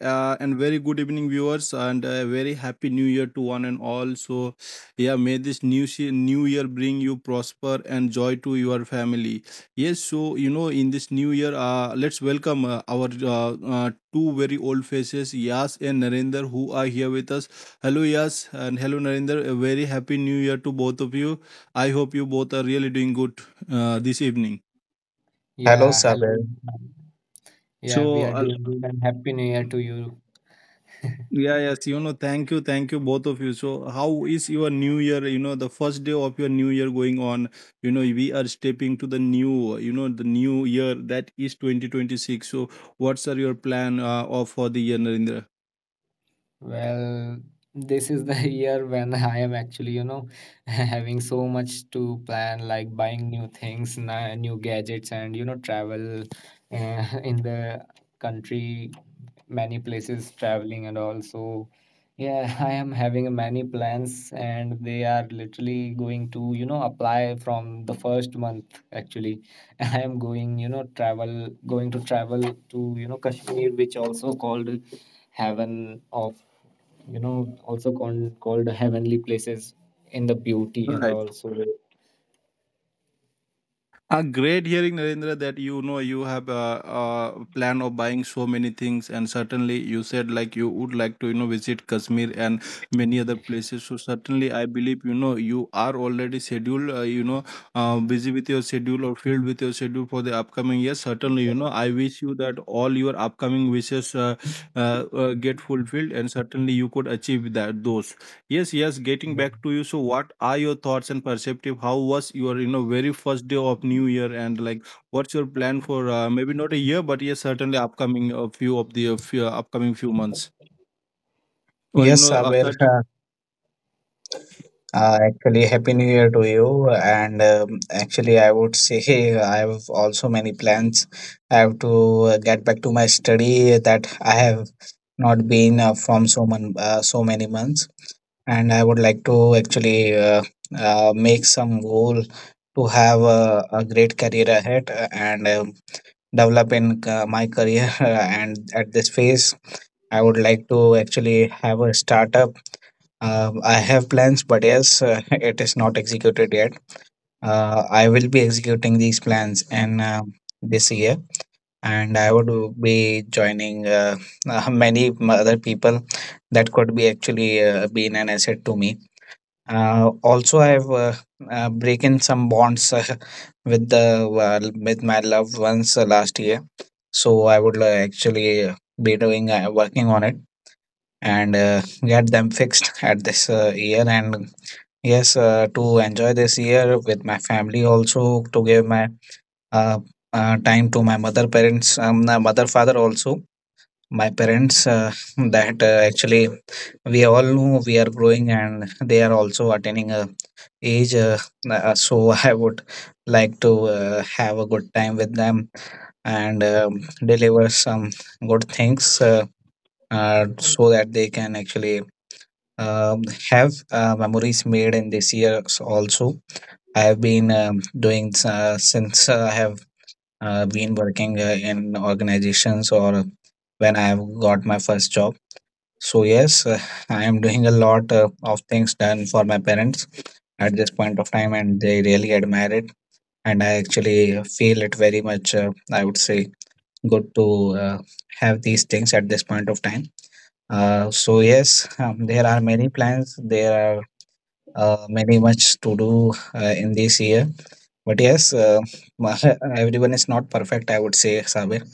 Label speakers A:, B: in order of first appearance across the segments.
A: and very good evening, viewers, and a very happy new year to one and all. May this new year bring you prosper and joy to your family. Yes, so you know, in this new year, let's welcome our uh, uh, two very old faces, Yas and Narendra, who are here with us. Hello, Yas, and hello, Narendra. A very happy new year to both of you. I hope you both are really doing good this evening.
B: Hello,
C: Yeah, hello.
B: Saber.
C: Yeah, we
A: So,
C: are
A: uh,
C: doing good and happy new year to you.
A: Yeah, yes, you know, thank you, both of you. So, how is your new year? You know, the first day of your new year going on, you know, we are stepping to the new, you know, the new year that is 2026. So, what's are your plan of for the year, Narendra?
C: Well, this is the year when I am actually, having so much to plan, like buying new things, new gadgets, and, travel in the country, many places traveling, and also, yeah, I am having many plans, and they are literally going to, apply from the first month, actually. I am going, travel, going to travel to, Kashmir, which also called heaven of also called heavenly places in the beauty.
A: All
C: And
A: right.
C: also, yeah,
A: A great hearing, Narendra, that you know you have a plan of buying so many things, and certainly you said like you would like to you know visit Kashmir and many other places. So certainly I believe you know you are already scheduled, you know, busy with your schedule or filled with your schedule for the upcoming year. Certainly, you know, I wish you that all your upcoming wishes get fulfilled, and certainly you could achieve that those. Yes, yes, getting back to you. So, what are your thoughts and perspective? How was your, you know, very first day of New Year, and like, what's your plan for maybe not a year, but yes, certainly upcoming a few of the few, upcoming few months, or you
B: Yes,
A: know,
B: Saber. Actually, happy new year to you. And actually, I would say hey, I have also many plans. I have to get back to my study that I have not been from so many months. And I would like to actually make some goal to have a great career ahead and develop in my career. And at this phase, I would like to actually have a startup. I have plans, but yes, it is not executed yet. I will be executing these plans in this year, and I would be joining many other people that could be actually been an asset to me. Also, I have breaking some bonds with the well, with my loved ones last year, so I would actually be doing working on it and get them fixed at this year. And yes, to enjoy this year with my family also, to give my uh, time to my mother parents, my mother father also, my parents that actually we all know we are growing and they are also attaining a age. So I would like to have a good time with them and deliver some good things so that they can actually um have memories made in this year, also I have been doing since I have been working in organizations, or when I have got my first job. So yes, I am doing a lot of things done for my parents at this point of time, and they really admire it. And I actually feel it very much. I would say good to have these things at this point of time. So yes, there are many plans. There are many much to do in this year, but yes, everyone is not perfect, I would say, Sabir.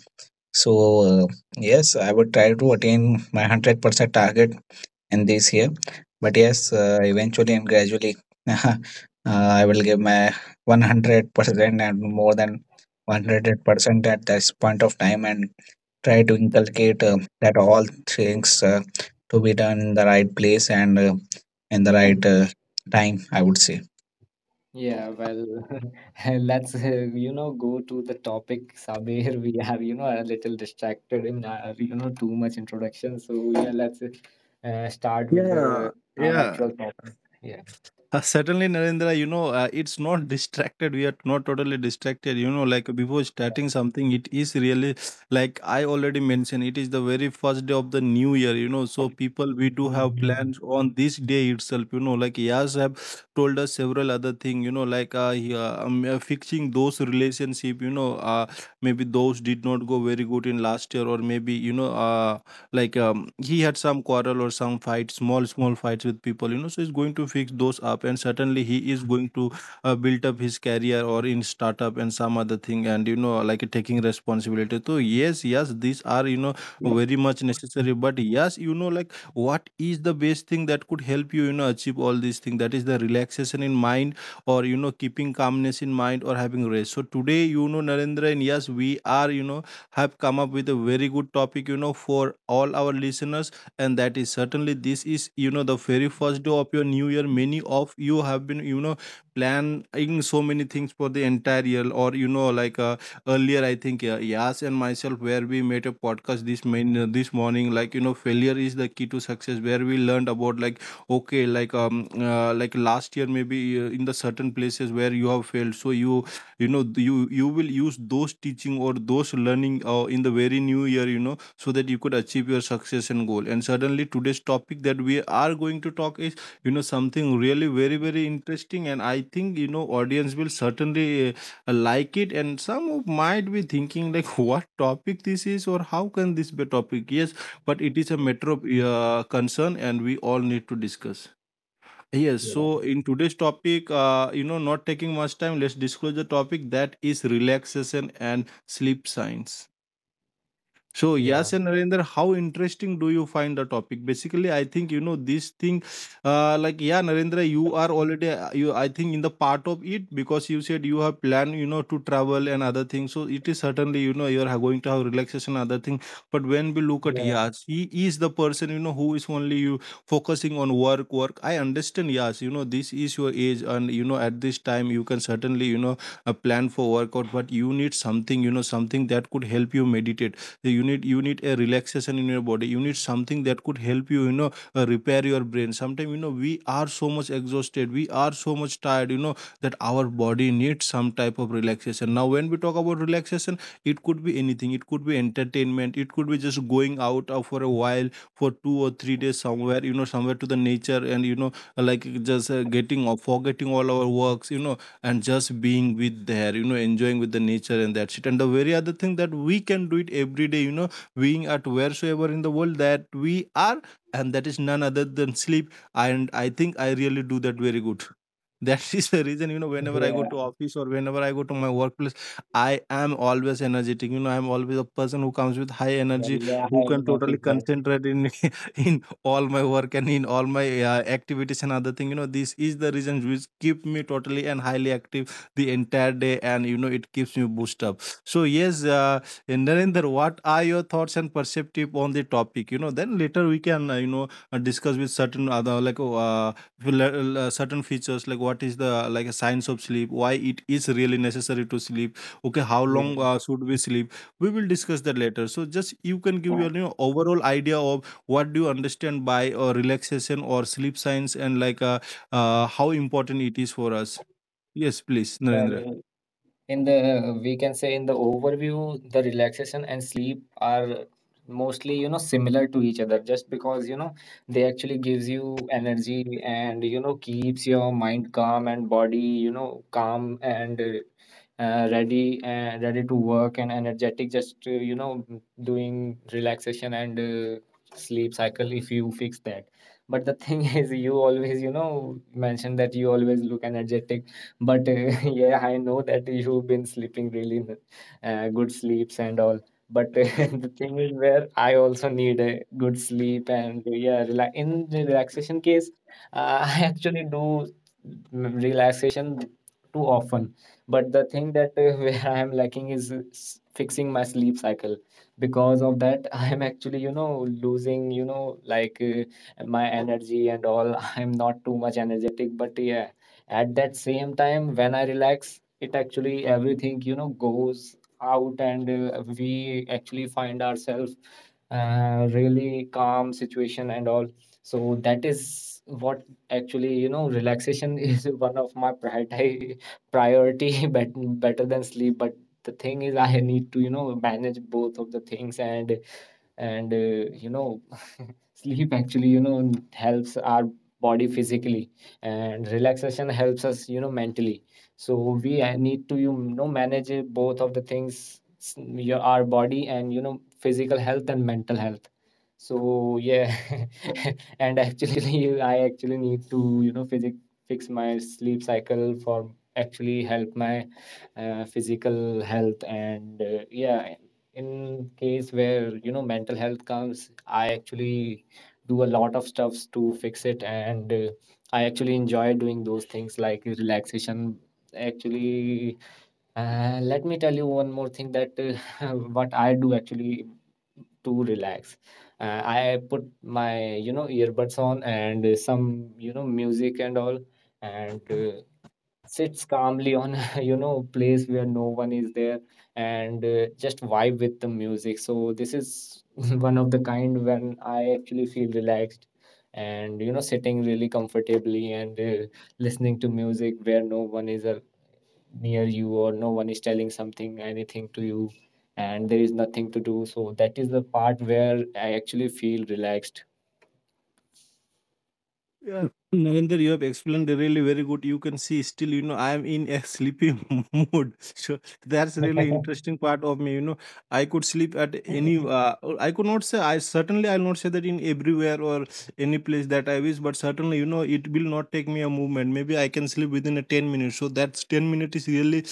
B: So, uh, yes, I would try to attain my 100% target in this year. But yes, eventually and gradually, uh, I will give my 100% and more than 100% at this point of time, and try to inculcate that all things to be done in the right place and in the right time, I would say.
C: yeah, well, let's go to the topic, Sabir. We are, a little distracted in our, too much introduction, so yeah, let's start with
A: yeah,
C: the our
A: yeah.
C: actual topic. Yeah.
A: Certainly, Narendra, you know, it's not distracted. We are not totally distracted. You know, like before starting something, it is really like I already mentioned, it is the very first day of the new year, you know. So, people, we do have
C: Mhm.
A: plans on this day itself, you know, like Yas have told us several other thing. You know, like fixing those relationship, you know, maybe those did not go very good in last year, or maybe, you know, like he had some quarrel or some fight small small fights with people, you know, so he's going to fix those up, and certainly he is going to build up his career or in startup and some other thing, and you know like taking responsibility. So yes, yes, these are, you know, very much necessary. But yes, you know, like what is the best thing that could help you you know achieve all these things? That is the relaxation in mind, or you know keeping calmness in mind, or having rest. So today, you know, Narendra and yes we are, you know, have come up with a very good topic, you know, for all our listeners. And that is certainly this is, you know, the very first day of your new year. Many of you have been, you know, planning so many things for the entire year, or, you know, like earlier, I think, Yas and myself, where we made a podcast this, this morning, like, you know, failure is the key to success, where we learned about, like, okay, like last year, maybe in the certain places where you have failed. So you know, you will use those teaching or those learning in the very new year, you know, so that you could achieve your success and goal. And suddenly today's topic that we are going to talk is, you know, something really very very interesting, and I think, you know, audience will certainly like it, and some of might be thinking like what topic this is or how can this be a topic. Yes, but it is a matter of concern, and we all need to discuss. Yes,
C: Yeah,
A: so in today's topic, you know, not taking much time, let's disclose the topic, that is relaxation and sleep science. So
C: yeah,
A: yes, and Narendra, how interesting do you find the topic? Basically, I think you know this thing, like yeah, Narendra, you are already you. I think in the part of it because you said you have planned, you know, to travel and other things. So it is certainly you know you are going to have relaxation, other thing. But when we look at
C: yeah,
A: Yas, he is the person you know who is only you focusing on work, work. I understand, Yas, you know this is your age, and you know at this time you can certainly you know a plan for workout, but you need something, you know, something that could help you meditate. You need, you need a relaxation in your body. You need something that could help you, you know, repair your brain. Sometimes, you know, we are so much exhausted, we are so much tired, you know, that our body needs some type of relaxation. Now when we talk about relaxation, it could be anything. It could be entertainment, it could be just going out for a while for 2 or 3 days somewhere, you know, somewhere to the nature, and you know like just getting or forgetting all our works, you know, and just being with there, you know, enjoying with the nature and that shit. And the very other thing that we can do it every day, you know, being at wheresoever in the world that we are, and that is none other than sleep. And I think I really do that very good. That is the reason, you know, whenever I go
C: yeah.
A: to office or whenever I go to my workplace, I am always energetic. You know, I'm always a person who comes with high
C: Well,
A: energy,
C: yeah, I
A: who can
C: have
A: totally
C: noticed that.
A: concentrate in in all my work and in all my activities and other thing. You know, this is the reason which keep me totally and highly active the entire day, and you know it keeps me boost up. So yes, and Narendra, what are your thoughts and perspective on the topic? You know, then later we can you know discuss with certain other like will, certain features like what is the like a science of sleep, why it is really necessary to sleep, okay, how long
C: Yeah,
A: should we sleep. We will discuss that later. So just you can give your, you know, overall idea of what do you understand by relaxation or sleep science, and like how important it is for us. Yes, please, Narendra.
C: well, in the, we can say in the overview, the relaxation and sleep are mostly, you know, similar to each other just because, you know, they actually gives you energy and, you know, keeps your mind calm and body, you know, calm and ready and ready to work and energetic just you know, doing relaxation and sleep cycle if you fix that. But the thing is, you always, you know, mention that you always look energetic, but yeah, I know that you've been sleeping really good sleeps and all. But the thing is, where I also need a good sleep and yeah, rela in the relaxation case, I actually do relaxation too often. But the thing that where I am lacking is fixing my sleep cycle. Because of that, I am actually, you know, losing, you know, like my energy and all. I'm not too much energetic, but yeah, at that same time when I relax, it actually everything, you know, goes out and we actually find ourselves really calm situation and all. So that is what actually, you know, relaxation is one of my priority, bet- better than sleep. But the thing is, I need to, you know, manage both of the things. And you know, sleep actually, you know, helps our body physically, and relaxation helps us, you know, mentally. So we need to, you know, manage both of the things, your our body and, you know, physical health and mental health. So yeah, and actually I actually need to, you know, physic fix my sleep cycle for actually help my physical health. And yeah, in case where, you know, mental health comes, I actually do a lot of stuffs to fix it, and I actually enjoy doing those things like relaxation. Actually, let me tell you one more thing that uh, what I do actually to relax, I put my, you know, earbuds on, and some, you know, music and all, and sits calmly on a you know, place where no one is there, and just vibe with the music. So this is one of the kind when I actually feel relaxed and, you know, sitting really comfortably and listening to music where no one is near you or no one is telling something anything to you, and there is nothing to do. So that is the part where I actually feel relaxed.
A: Yeah, Narendra, you have explained really very good. You can see still, you know, I am in a sleepy mood. So that's really interesting part of me. You know, I could sleep at any. Uh, or I could not say. I certainly I'll not say that in everywhere or any place that I wish. But certainly, you know, it will not take me a movement. Maybe I can sleep within a 10 minutes. So that's 10 minutes is really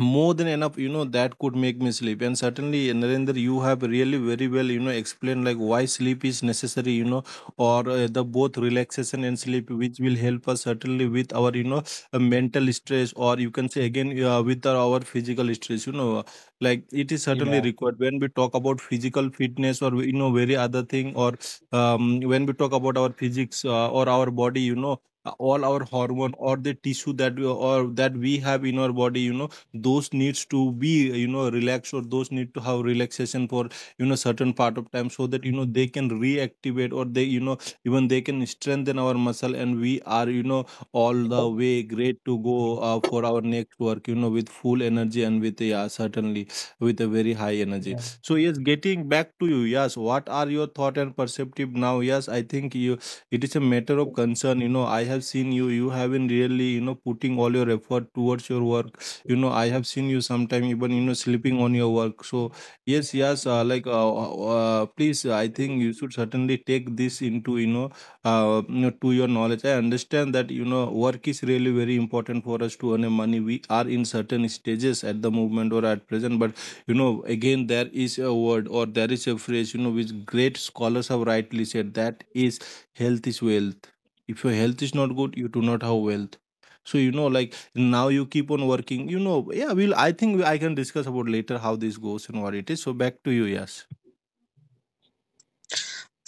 A: more than enough, you know, that could make me sleep. And certainly Narendra you have really very well, you know, explained like why sleep is necessary, you know, or the both relaxation and sleep which will help us certainly with our you know mental stress, or you can say again with our physical stress, you know, like it is certainly
C: Yeah,
A: required when we talk about physical fitness, or you know very other thing, or when we talk about our physics or our body, you know, all our hormone or the tissue that we or that we have in our body, you know, those needs to be, you know, relaxed, or those need to have relaxation for, you know, certain part of time, so that you know they can reactivate, or they you know even they can strengthen our muscle, and we are you know all the way great to go for our next work, you know, with full energy, and with yeah certainly with a very high energy.
C: yeah,
A: So yes, getting back to you. Yes, what are your thought and perspective now? Yes, I think you it is a matter of concern. You know, I have seen you, you have been really, you know, putting all your effort towards your work. You know, I have seen you sometime even you know sleeping on your work. So yes, yes, like please, I think you should certainly take this into, you know, you know to your knowledge. I understand that you know work is really very important for us to earn a money. We are in certain stages at the moment or at present, but you know, again there is a word or there is a phrase, you know, which great scholars have rightly said, that is, health is wealth. If your health is not good, you do not have wealth. So, you know, like, now you keep on working, you know. Yeah, we'll, I think I can discuss about later how this goes and what it is. So back to you. Yes.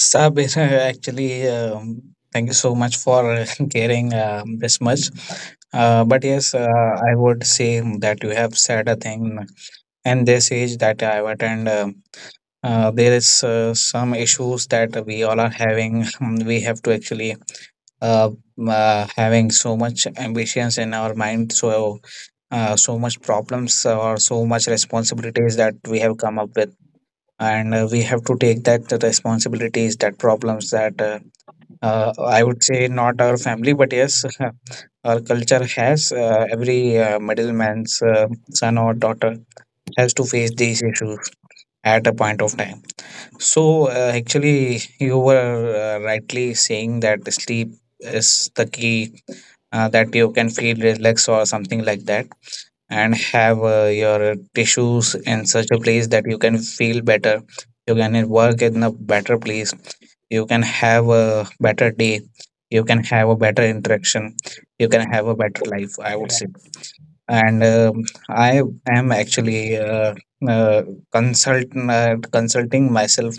B: Sabir, actually, thank you so much for caring this much. But yes, I would say that you have said a thing. And this age that I've attend, there is some issues that we all are having. We have to actually uh, having so much ambitions in our mind. So so much problems or so much responsibilities that we have come up with, and we have to take that the responsibilities, that problems that I would say not our family, but yes, our culture has every middleman's son or daughter has to face these issues at a point of time. So, actually, you were rightly saying that the sleep is the key that you can feel relaxed or something like that, and have your tissues in such a place that you can feel better, you can work in a better place, you can have a better day, you can have a better interaction, you can have a better life, I would say. And I am actually uh, consult consulting myself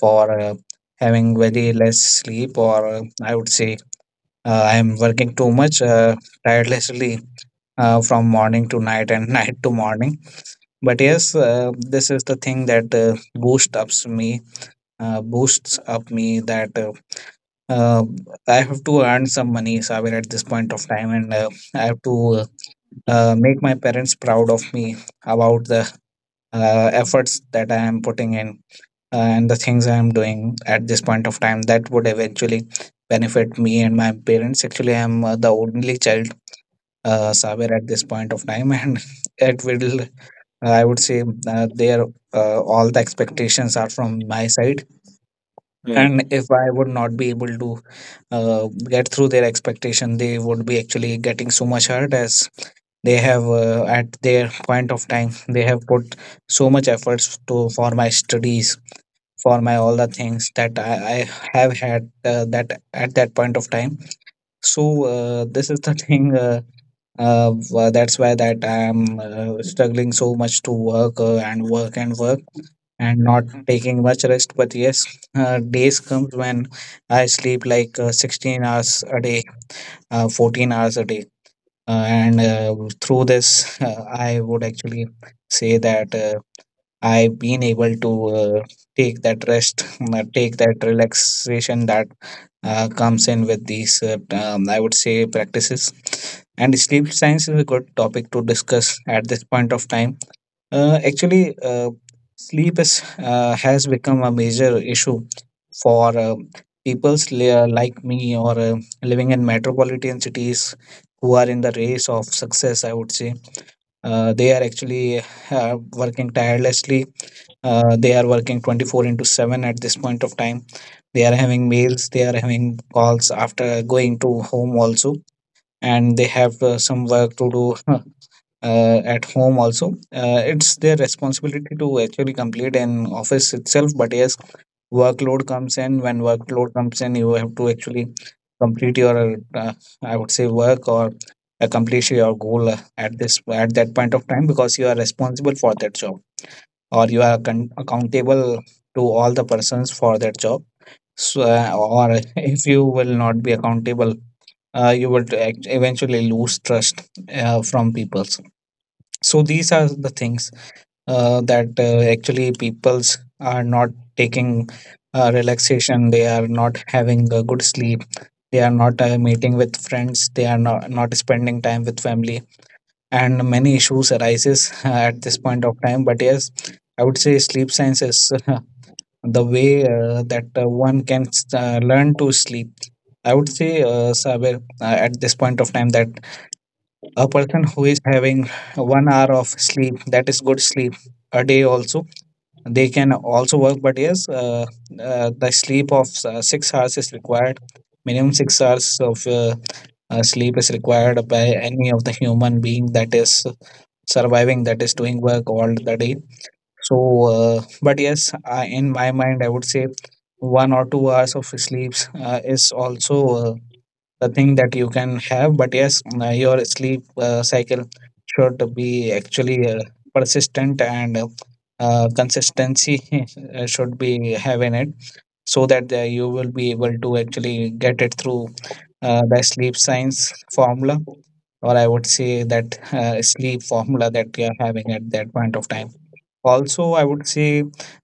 B: for having very less sleep, or I would say I am working too much tirelessly from morning to night, and night to morning. But yes, this is the thing that boosts up me, that uh, I have to earn some money, Sabir, at this point of time, and I have to make my parents proud of me about the efforts that I am putting in and the things I am doing at this point of time, that would eventually benefit me and my parents. Actually, I am the only child, Sabir, at this point of time, and it will I would say there all the expectations are from my side,
A: Right.
B: and if I would not be able to get through their expectation, they would be actually getting so much hurt, as they have at their point of time they have put so much efforts to for my studies, for my all the things that I have had that at that point of time. So this is the thing. That's why that I'm struggling so much to work and work and work and not taking much rest. But yes, days comes when I sleep like 16 hours a day, 14 hours a day. And through this, I would actually say that I've been able to take that rest, take that relaxation that comes in with these, I would say, practices. And sleep science is a good topic to discuss at this point of time. Actually, sleep is, has become a major issue for like me, or living in metropolitan cities who are in the race of success. I would say they are actually working tirelessly. They are working 24 into 7 at this point of time. They are having mails, they are having calls after going to home also, and they have some work to do at home also. It's their responsibility to actually complete in office itself. But yes, workload comes in. When workload comes in, you have to actually complete your, I would say, work, or accomplish your goal at this at that point of time, because you are responsible for that job, or you are accountable to all the persons for that job. So, or if you will not be accountable, you will eventually lose trust from people. So these are the things that actually peoples are not taking relaxation, they are not having a good sleep, they are not meeting with friends, they are not, not spending time with family, and many issues arises at this point of time. But yes, I would say sleep science is the way that one can learn to sleep, I would say, Saber, at this point of time, that a person who is having 1 hour of sleep, that is good sleep a day, also they can also work. But yes, the sleep of 6 hours is required, minimum 6 hours of sleep is required by any of the human being that is surviving, that is doing work all the day. So, but yes I, in my mind I would say 1 or 2 hours of sleeps is also the thing that you can have. But yes, your sleep cycle should be actually persistent, and consistency should be having it, so that you will be able to actually get it through the sleep science formula, or I would say that sleep formula that we are having at that point of time. Also, I would say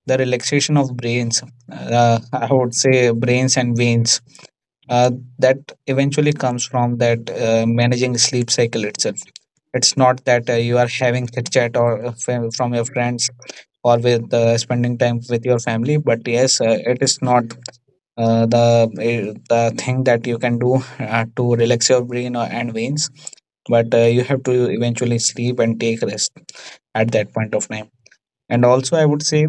B: the relaxation of brains, I would say brains and veins, uh, that eventually comes from that managing sleep cycle itself. It's not that you are having chit chat or from your friends, or with spending time with your family, but yes, it is not the thing that you can do to relax your brain, or, and veins. But you have to eventually sleep and take rest at that point of time. And also, I would say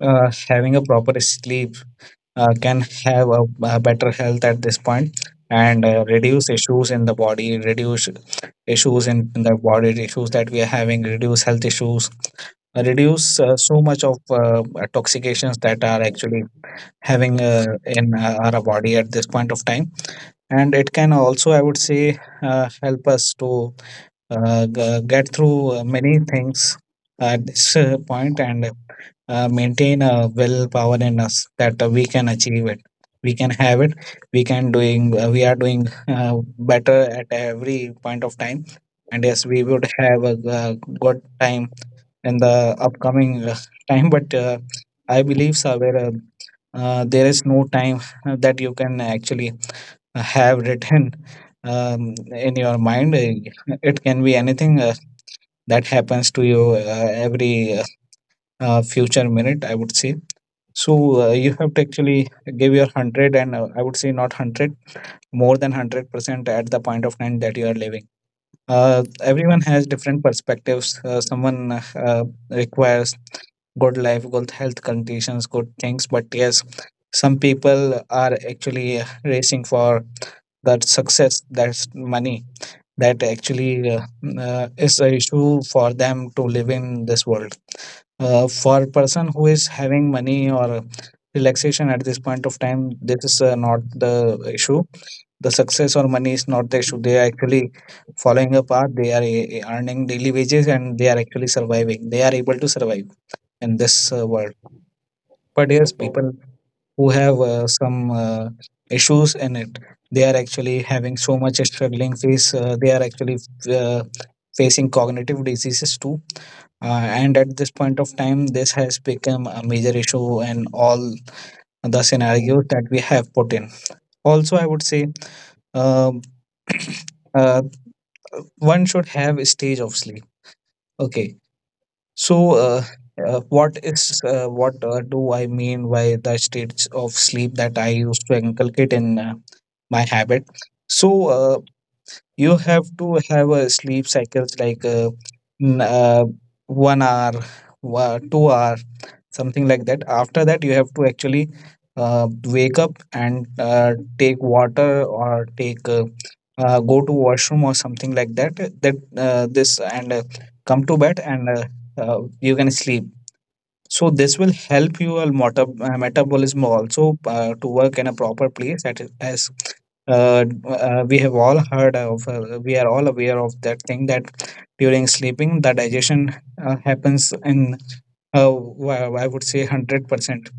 B: having a proper sleep can have a better health at this point, and reduce issues in the body, reduce issues in the body, issues that we are having, reduce health issues, reduce so much of toxications that are actually having in our body at this point of time. And it can also, I would say, help us to get through many things at this point, and maintain a willpower in us that we can achieve it, we can have it, we are doing better at every point of time. And yes, we would have good time in the upcoming time. But I believe Saver, there is no time that you can actually have written in your mind. It can be anything that happens to you every future minute, I would say. So you have to actually give your 100, and I would say not 100, more than 100% at the point of time that you are living. Everyone has different perspectives. Someone requires good life, good health conditions, good things, but yes, some people are actually racing for that success, that's money, that actually is a issue for them to live in this world. For a person who is having money or relaxation at this point of time, this is not the issue. The success or money is not the issue. They are actually following a path. They are earning daily wages and they are actually surviving. They are able to survive in this world. But yes, people who have some issues in it, they are actually having so much struggling face. They are actually uh, facing cognitive diseases too, and at this point of time this has become a major issue in all the scenarios that we have put in. Also, I would say, um, uh, one should have a stage of sleep. Okay, so uh, what do I mean by the states of sleep that I used to inculcate in my habit. So you have to have a sleep cycles like n- uh, 1 hour, 2 hour, something like that. After that, you have to actually wake up and take water, or take go to washroom or something like that. This, and come to bed, and you can sleep. So this will help your metabolism also to work in a proper place. That is, as we are all aware of that thing, that during sleeping the digestion happens in I would say 100%.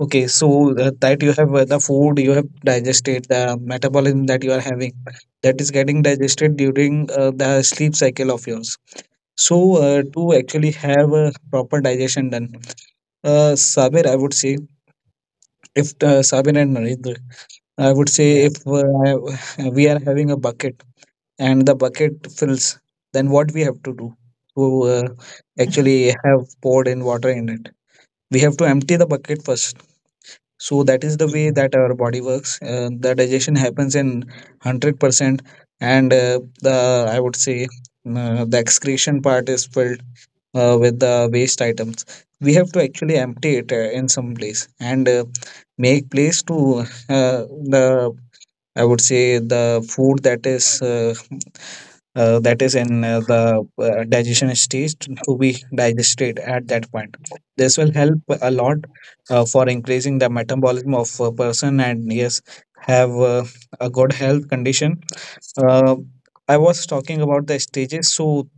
B: Okay, so that you have the food you have digested, the metabolism that you are having, that is getting digested during the sleep cycle of yours. So to actually have a proper digestion done, Sabir, I would say, if Sabir and Narendra, I would say,
C: yeah,
B: if we are having a bucket and the bucket fills, then what we have to do to actually have poured in water in it? We have to empty the bucket first, so that is the way that our body works. The digestion happens in 100%, and the I would say the excretion part is filled with the waste items. We have to actually empty it in some place, and make place to the I would say the food that is in the digestion stage to be digested at that point. This will help a lot for increasing the metabolism of a person, and yes, have a good health condition. Uh, I was talking about the stages, so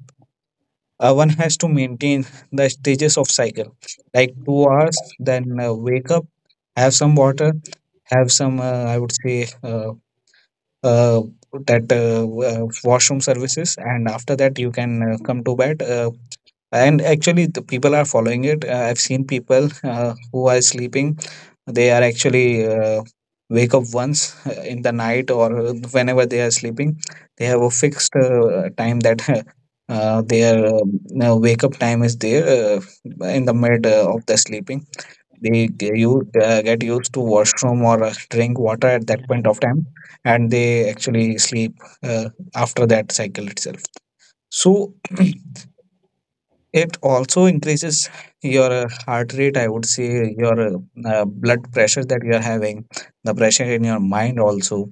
B: one has to maintain the stages of cycle, like 2 hours, then wake up, have some water, have some, I would say, uh, that washroom services, and after that you can come to bed, and actually the people are following it. I've seen people who are sleeping, they are actually wake up once in the night, or whenever they are sleeping, they have a fixed time that their wake up time is there in the mid of the sleeping. They you get used to washroom or drink water at that point of time, and they actually sleep uh, after that cycle itself. So it also increases your heart rate, I would say your blood pressure that you are having, the pressure in your mind also,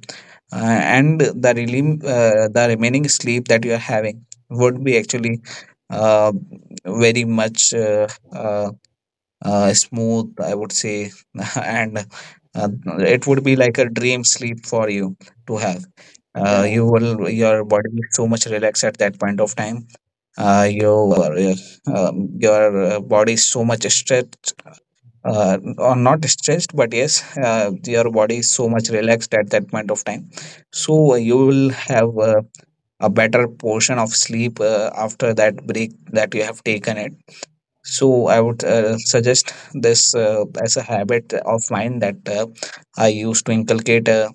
B: and the remaining sleep that you are having would be actually uh, very much uh, smooth, I would say, and uh, it would be like a dream sleep for you to have.
C: yeah,
B: You will, your body is so much relaxed at that point of time. Uh, you, uh, your body is so much stretched, or not stretched, but yes, your body is so much relaxed at that point of time. So you will have a better portion of sleep after that break that you have taken it. So I would suggest this as a habit of mine that I used to inculcate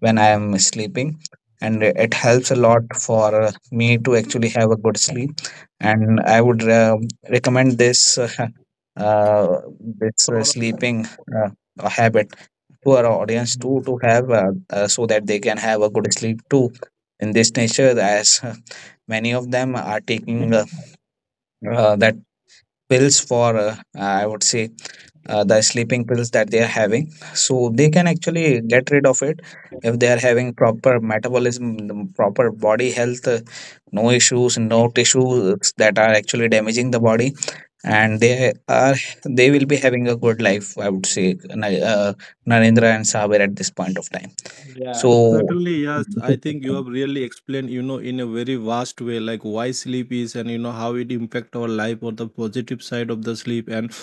B: when I am sleeping, and it helps a lot for me to actually have a good sleep. And I would recommend this uh, this
A: For all
B: sleeping uh, habit to our audience too, to have, so that they can have a good sleep too. In this nature, as many of them are taking that pills for, I would say, the sleeping pills that they are having, so they can actually get rid of it if they are having proper metabolism, the proper body health, no issues, no tissues that are actually damaging the body, and are they will be having a good life, I would say, Na- uh, Narendra and Saber at this point of time.
C: yeah.
B: So
C: Well,
A: certainly. Yes,
B: this
A: I
B: is the
A: think you
B: thing.
A: have really explained, you know, in a very vast way, like why sleep is, and you know how it impact our life, or the positive side of the sleep, and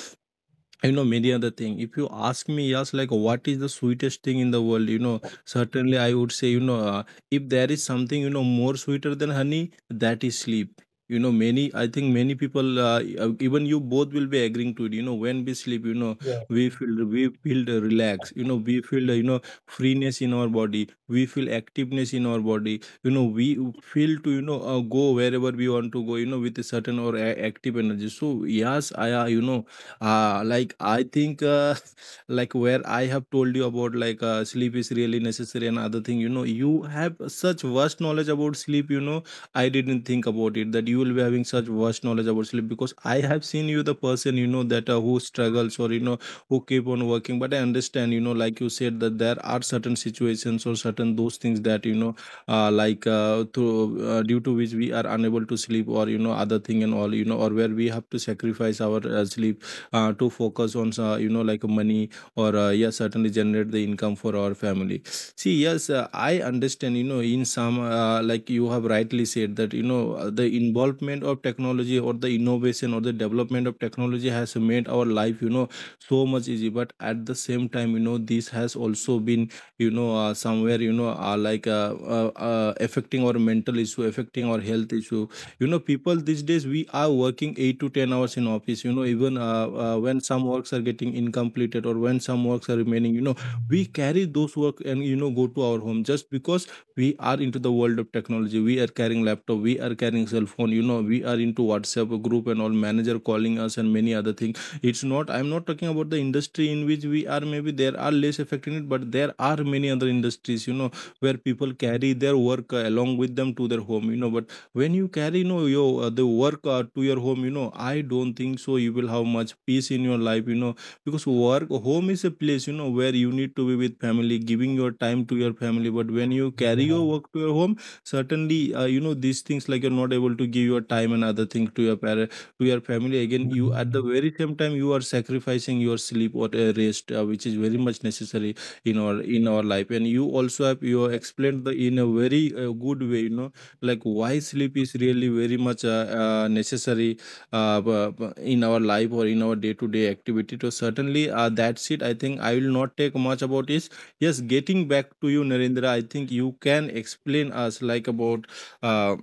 A: you know many other thing. If you ask me, yes, like what is the sweetest thing in the world, you know, certainly I would say, you know, if there is something, you know, more sweeter than honey, that is sleep. You know, many, I think many people, even you both will be agreeing to it. You know, when we sleep, you know, we feel the relax, you know, we feel the, you know, freeness in our body, we feel activeness in our body, you know, we feel to, you know, go wherever we want to go, you know, with a certain or active energy. So yes, I, like I think, like where I have told you about, like, sleep is really necessary and other thing. You know, you have such vast knowledge about sleep. You know, I didn't think about it, that you will be having such vast knowledge about sleep, because I have seen you, the person, you know, that who struggles or you know who keep on working. But I understand, you know, like you said that there are certain situations or certain those things that, you know, like to due to which we are unable to sleep or you know other thing and all, you know, or where we have to sacrifice our sleep to focus on, you know, like money, or yeah, certainly generate the income for our family. See, yes, I understand, you know, in some, like you have rightly said that, you know, the involvement of technology, or the innovation or the development of technology, has made our life, you know, so much easy, but at the same time, you know, this has also been, you know somewhere you know, like affecting our mental issue, affecting our health issue. You know, people these days, we are working 8 to 10 hours in office. You know, even when some works are getting incompleted, or when some works are remaining, you know, we carry those work and, you know, go to our home, just because we are into the world of technology. We are carrying laptop, we are carrying cell phone, you know, we are into WhatsApp group and all, manager calling us, and many other things. It's not, I'm not talking about the industry in which we are, maybe there are less affecting it, but there are many other industries, you know, where people carry their work, along with them to their home. You know, but when you carry, you know, your, the work, to your home, you know, I don't think so you will have much peace in your life, you know, because work, home is a place, you know, where you need to be with family, giving your time to your family. But when you carry your work to your home, certainly, you know, these things, like you're not able to give your time and other things to your parent, to your family. Again, you at the very same time you are sacrificing your sleep or a rest, which is very much necessary in our life. And you also have explained the in a very good way, you know, like why sleep is really very much, necessary, in our life or in our day to day activity. So certainly, that's it. I think I will not take much about it. Yes, getting back to you, Narendra. I think you can explain us like about, uh,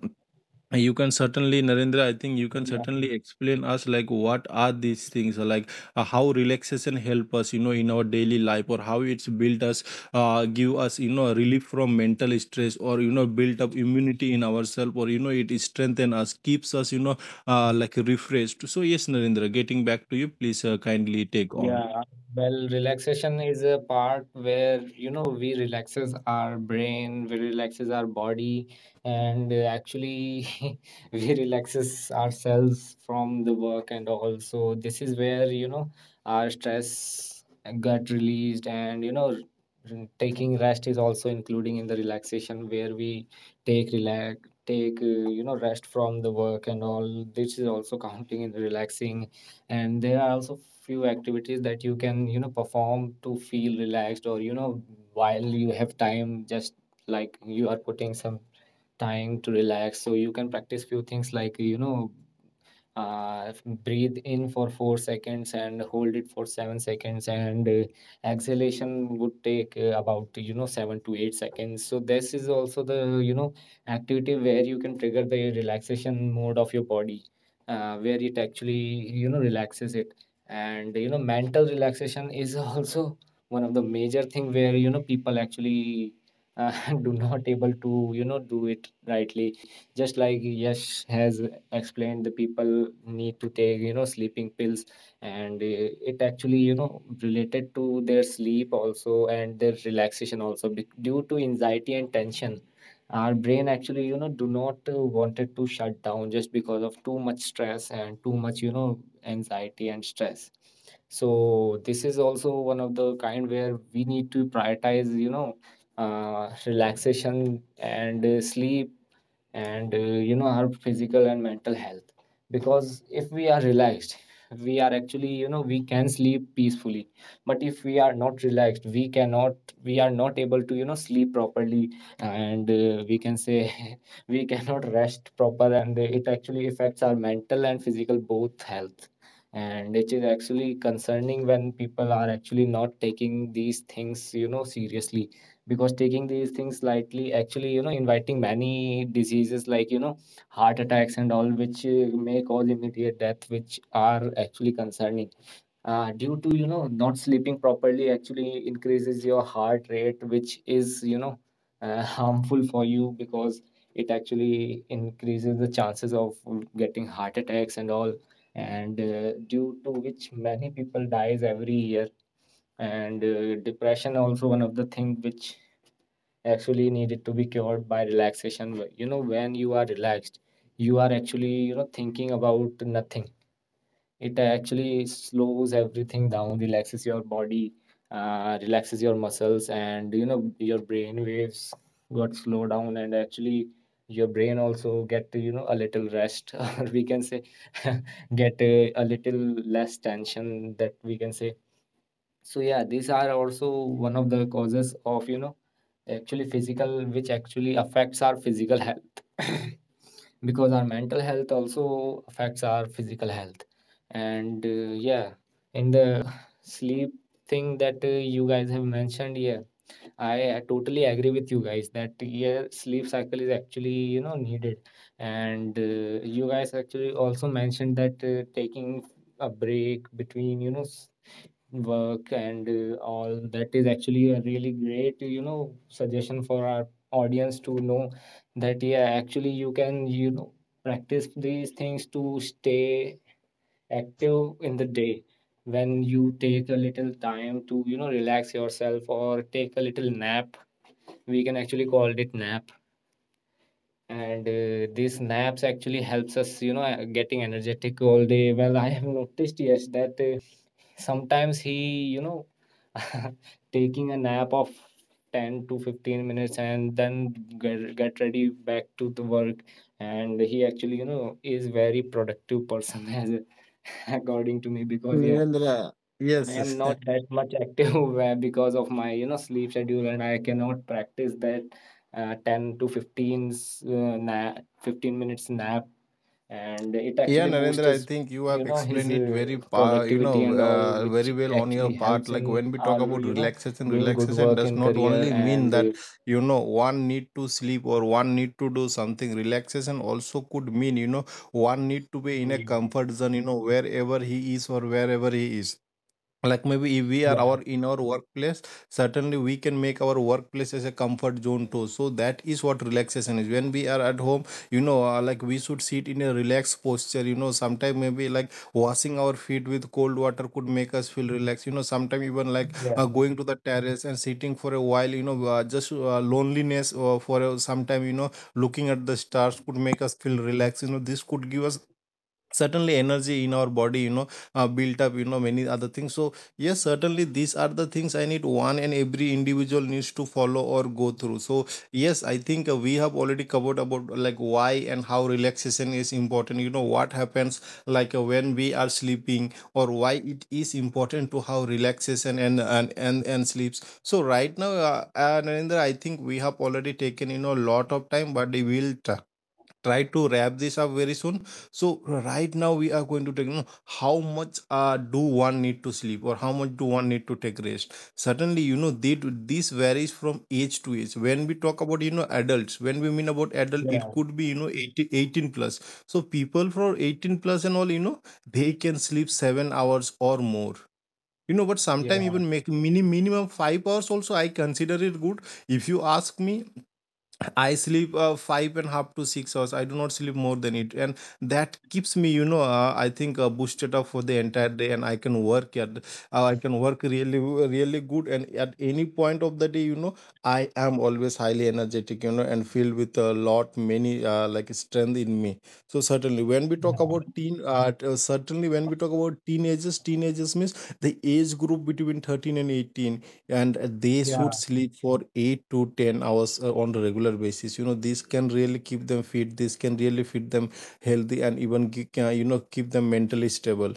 A: you can certainly, Narendra, I think you can certainly explain us like what are these things, or like how relaxation help us, you know, in our daily life, or how it's built us, give us, you know, relief from mental stress, or, you know, build up immunity in ourselves, or, you know, it strengthen us, keeps us, you know, like refreshed. So yes, Narendra, getting back to you, please kindly take on.
C: yeah. Well, relaxation is a part where, you know, we relaxes our brain, we relaxes our body, and actually we relaxes ourselves from the work and all. So this is where, you know, our stress got released and, you know, taking rest is also including in the relaxation, where we take relax take you know, rest from the work and all. This is also counting in relaxing. And there are also few activities that you can, you know, perform to feel relaxed or, you know, while you have time, just like you are putting some time to relax. So you can practice few things like, you know, uh, breathe in for 4 seconds and hold it for 7 seconds, and exhalation would take about, you know, 7 to 8 seconds. So this is also the, you know, activity where you can trigger the relaxation mode of your body, where it actually, you know, relaxes it. And, you know, mental relaxation is also one of the major thing where, you know, people actually uh, do not able to, you know, do it rightly. Just like Yash has explained, the people need to take, you know, sleeping pills, and it actually, you know, related to their sleep also and their relaxation also. Due to anxiety and tension, our brain actually, you know, do not wanted to shut down just because of too much stress and too much, you know, anxiety and stress. So this is also one of the kind where we need to prioritize, you know, relaxation and sleep and you know, our physical and mental health. Because if we are relaxed, we are actually, you know, we can sleep peacefully. But if we are not relaxed, we are not able to, you know, sleep properly, and we can say we cannot rest proper, and it actually affects our mental and physical both health. And it is actually concerning when people are actually not taking these things, you know, seriously. Because taking these things lightly actually, you know, inviting many diseases like, you know, heart attacks and all, which may cause immediate death, which are actually concerning due to, you know, not sleeping properly actually increases your heart rate, which is, you know, harmful for you, because it actually increases the chances of getting heart attacks and all. And due to which many people dies every year. And depression also one of the thing which actually needed to be cured by relaxation. You know, when you are relaxed, you are actually, you know, thinking about nothing. It actually slows everything down, relaxes your body, relaxes your muscles, and, you know, your brain waves got slow down, and actually your brain also get, you know, a little rest, or we can say get a little less tension, that we can say. So yeah, these are also one of the causes of, you know, actually physical, which actually affects our physical health. Because our mental health also affects our physical health. And yeah, in the sleep thing that you guys have mentioned, yeah, I totally agree with you guys that yeah, sleep cycle is actually, you know, needed. And you guys actually also mentioned that taking a break between, you know, work and all, that is actually a really great, you know, suggestion for our audience to know that yeah, actually you can, you know, practice these things to stay active in the day, when you take a little time to, you know, relax yourself or take a little nap, we can actually call it nap. And these naps actually helps us, you know, getting energetic all day. Well, I have noticed, yes, that sometimes he, you know, taking a nap of 10 to 15 minutes, and then get ready back to the work, and he actually, you know, is very productive person, as according to me. Because yeah, I
A: Yes.
C: am not that much active, where because of my, you know, sleep schedule, and I cannot practice that 10 to 15 's, nap, 15 minutes nap, and it
A: Yeah,
C: actually boosts
A: Narendra,
C: his,
A: I think you
C: you
A: have
C: know, his
A: explained it very, you
C: productivity
A: know,
C: and all, which
A: very well on your
C: actually
A: part.
C: helps in
A: Like when we talk
C: our,
A: about
C: you know,
A: relaxation,
C: doing good
A: relaxation
C: work in
A: does not
C: career.
A: only
C: And
A: mean that, you know, one need to sleep or one need to do something. Relaxation also could mean, you know, one need to be in a
C: yeah,
A: comfort zone, you know, wherever he is, or wherever he is. Like maybe if we are our in our workplace, certainly we can make our workplace as a comfort zone too. So that is what relaxation is. When we are at home, you know, like we should sit in a relaxed posture, you know, sometimes maybe like washing our feet with cold water could make us feel relaxed. You know, sometimes even like,
C: yeah,
A: going to the terrace and sitting for a while, you know, just, loneliness, for a, sometime, you know, looking at the stars could make us feel relaxed. You know, this could give us certainly energy in our body, you know, built up, you know, many other things. So yes, certainly these are the things I need, one and every individual needs to follow or go through. So yes, I think, we have already covered about, like why and how relaxation is important, you know, what happens like, when we are sleeping, or why it is important to have relaxation and sleeps. So right now, Narendra, I think we have already taken, you know, a lot of time, but we will try to wrap this up very soon. So right now we are going to take, you know, how much, do one need to sleep, or how much do one need to take rest. Certainly, you know, they, this varies from age to age. When we talk about, you know, adults, when we mean about adult, it
C: yeah,
A: could be, you know, eighteen plus. So people for 18 plus and all, you know, they can sleep 7 hours or more. You know, but sometimes
C: yeah,
A: even make minimum 5 hours also I consider it good. If you ask me, I sleep 5.5 to 6 hours. I do not sleep more than it, and that keeps me, you know, I think boosted up for the entire day, and I can work at, I can work really, really good, and at any point of the day, you know, I am always highly energetic, you know, and filled with a lot many, like, strength in me. So certainly, when we talk about teen, certainly when we talk about teenagers, teenagers means the age group between 13 and 18, and they
C: yeah,
A: should sleep for 8 to 10 hours, on a regular basis. You know, this can really keep them fit, this can really fit them healthy, and even, you know, keep them mentally stable.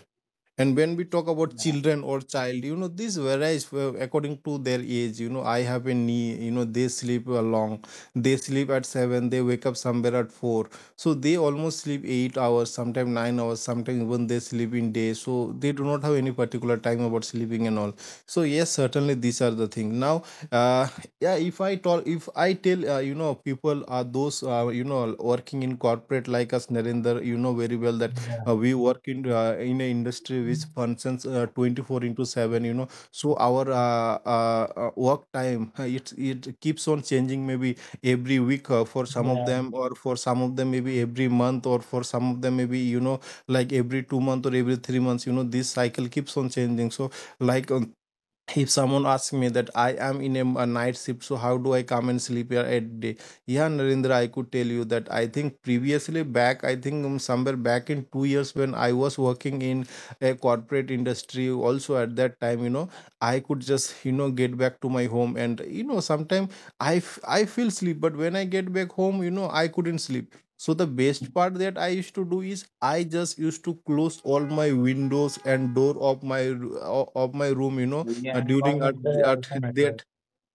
A: And when we talk about children or child, you know, this varies, according to their age. You know, I have a knee, you know, they sleep, long, they sleep at 7, they wake up somewhere at 4, so they almost sleep 8 hours, sometimes 9 hours, sometimes even they sleep in day. So they do not have any particular time about sleeping and all. So yes, certainly these are the things. Now, uh, yeah, if I talk, if I tell, you know, people are those, you know, working in corporate like us, Narinder. You know very well that, we work in, in an industry which functions, 24 into 7. You know, so our work time, it keeps on changing, maybe every week, for some of
C: yeah,
A: them, or for some of them maybe every month, or for some of them maybe, you know, like every 2 months or every 3 months. You know, this cycle keeps on changing. So like, if someone asks me that I am in a night shift, so how do I come and sleep here at day? Yeah, Narendra, I could tell you that I think previously back, I think somewhere back in 2 years when I was working in a corporate industry, also at that time, you know, I could just get back to my home, and you know sometimes I I feel sleep, but when I get back home, you know, I couldn't sleep. So the best part that I used to do is I just used to close all my windows and door of my of my room,
C: yeah, yeah,
A: during at,
C: environmental,
A: at
C: environmental,
A: that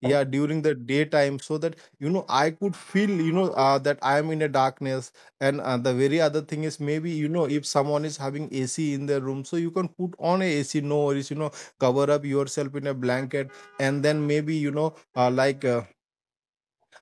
A: yeah during the daytime so that you know I could feel you know that I am in a darkness. And the very other thing is maybe you know if someone is having AC in their room, so you can put on a AC, no worries, you know, cover up yourself in a blanket. And then maybe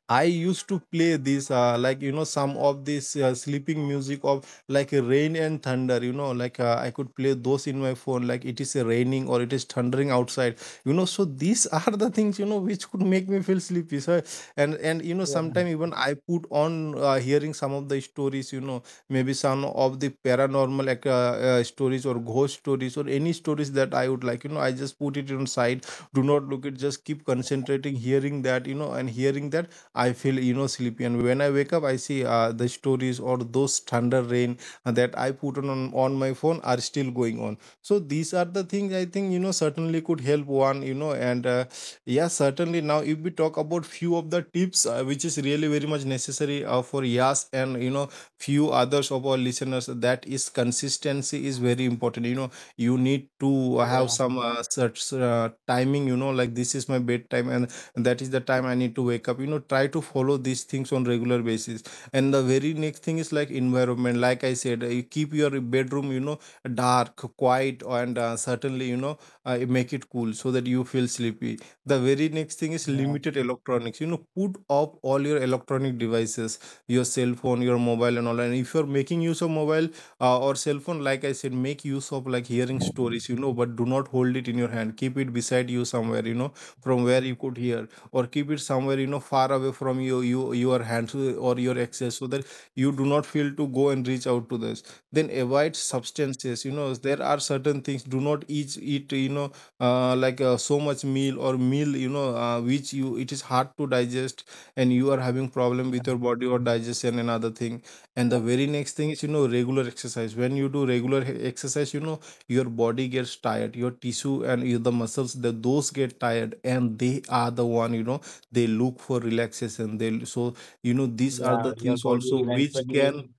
A: I used to play this, like you know, some of this sleeping music of like rain and thunder. You know, like I could play those in my phone, like it is raining or it is thundering outside. You know, so these are the things you know which could make me feel sleepy. So and you know,
C: yeah,
A: sometimes even I put on hearing some of the stories. You know, maybe some of the paranormal like, stories or ghost stories or any stories that I would like. You know, I just put it on side, do not look it. Just keep concentrating hearing that, you know, and hearing that I feel you know sleepy, and when I wake up, I see the stories or those thunder rain that I put on my phone are still going on. So these are the things I think you know certainly could help one you know. And yeah, certainly now if we talk about few of the tips which is really very much necessary for Yas and you know few others of our listeners, that is, consistency is very important. You know, you need to have
C: yeah,
A: some such timing, you know, like this is my bedtime and that is the time I need to wake up. You know, try to follow these things on regular basis. And the very next thing is like environment, like I said, you keep your bedroom you know dark, quiet, and certainly you know make it cool so that you feel sleepy. The very next thing is
C: yeah,
A: limited electronics. You know, put up all your electronic devices, your cell phone, your mobile and all. And if you're making use of mobile or cell phone, like I said, make use of like hearing stories, you know, but do not hold it in your hand. Keep it beside you somewhere, you know, from where you could hear, or keep it somewhere you know far away from you, your hands or your access, so that you do not feel to go and reach out to this. Then avoid substances. You know, there are certain things, do not eat you know so much meal or meal you know which you, it is hard to digest and you are having problem with your body or digestion and other thing. And the very next thing is you know regular exercise. When you do regular exercise, you know your body gets tired, your tissue and your, the muscles, the those get tired, and they are the one, you know, they look for relaxation, they, so you know these are
C: yeah,
A: the
C: your
A: things
C: body
A: also which can,
C: eventually.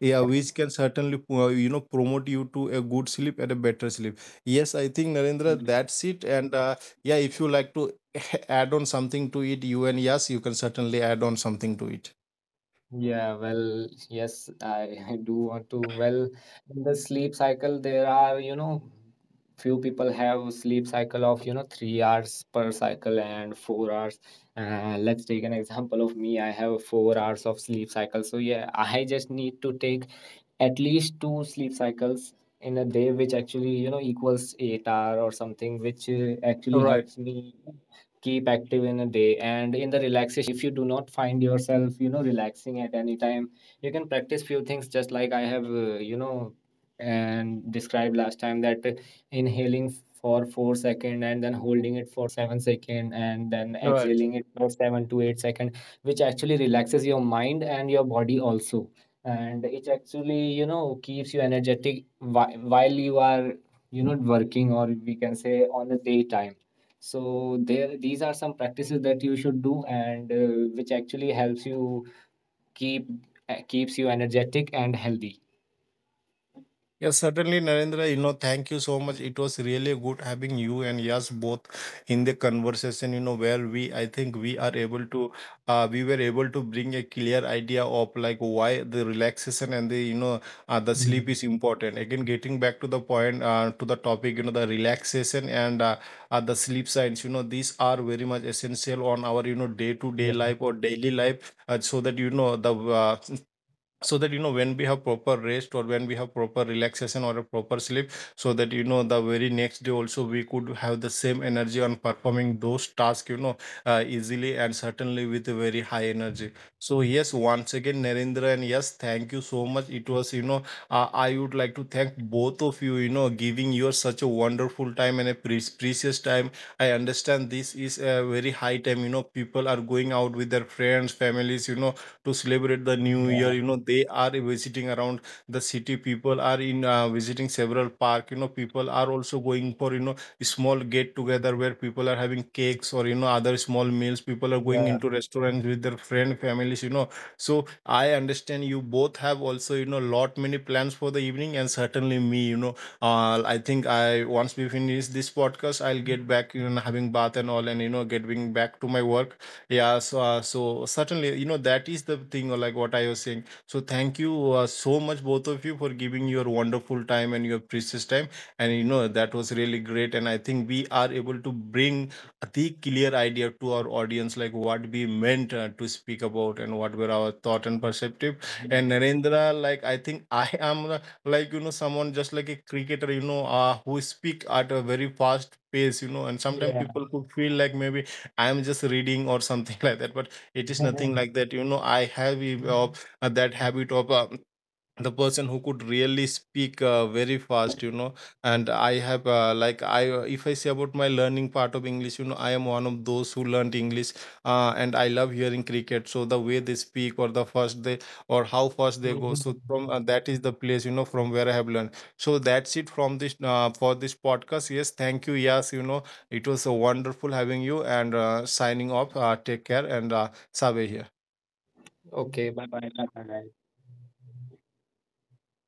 A: yeah, which can certainly you know promote you to a good sleep and a better sleep. Yes, I think, Narendra,
C: Mm.
A: that's it. And yeah, if you like to add on something to it, you, and yes, you can certainly add on something to it.
C: Yeah, well, yes, I, I do want to. Well, in the sleep cycle, there are, you know, few people have sleep cycle of, you know, 3 hours per cycle and 4 hours. Let's take an example of me. I have 4 hours of sleep cycle. So yeah, I just need to take at least two sleep cycles in a day, which actually, you know, equals 8 hour or something, which actually
A: Right.
C: helps me keep active in a day. And in the relaxation, if you do not find yourself, you know, relaxing at any time, you can practice few things just like I have you know, and described last time that inhaling for 4 second, and then holding it for 7 second, and then exhaling it for 7 to 8 second, which actually relaxes your mind and your body also, and it actually, you know, keeps you energetic while you are, you know, working, or we can say on the daytime. So there these are some practices that you should do, and which actually helps you keep keeps you energetic and healthy.
A: Yes, certainly, Narendra. You know, thank you so much. It was really good having you and Yas both in the conversation. You know, where we, I think we are able to, we were able to bring a clear idea of like why the relaxation and the you know the sleep
C: Mm.
A: is important. Again, getting back to the point, to the topic, you know, the relaxation and the sleep science. You know, these are very much essential on our you know day to day
C: Yeah,
A: life or daily life, so that you know the so that you know when we have proper rest, or when we have proper relaxation or a proper sleep, so that you know the very next day also we could have the same energy on performing those tasks, you know, easily, and certainly with a very high energy. So yes, once again, Narendra and yes thank you so much. It was, you know, I would like to thank both of you, you know, giving your such a wonderful time and a precious time. I understand this is a very high time, you know, people are going out with their friends, families, you know, to celebrate the new year.
C: yeah,
A: You know, they are visiting around the city. People are in visiting several park. You know, people are also going for you know small get together where people are having cakes or you know other small meals. People are going
C: yeah,
A: into restaurants with their friend, families. You know, so I understand you both have also you know lot many plans for the evening. And certainly me, you know, I think I, once we finish this podcast, I'll get back you know having bath and all, and you know getting back to my work. Yeah, so so certainly you know that is the thing, like what I was saying. So thank you so much both of you for giving your wonderful time and your precious time. And you know that was really great. And I think we are able to bring the clear idea to our audience like what we meant to speak about and what were our thought and perspective. And Narendra, like I think I am like you know someone just like a cricketer, you know, who speak at a very fast pace, you know, and sometimes
C: yeah.
A: people could feel like maybe I'm just reading or something like that, but it is nothing like that. You know, I have of that habit of the person who could really speak very fast. You know, and I have like I, if I say about my learning part of English, you know, I am one of those who learned English and I love hearing cricket. So the way they speak or the first they or how fast they go, so
C: Mhm.
A: from that is the place you know from where I have learned. So that's it from this for this podcast. Yes, thank you. Yes, you know, it was wonderful having you. And signing off, take care. And Sabe here.
C: Okay, bye bye.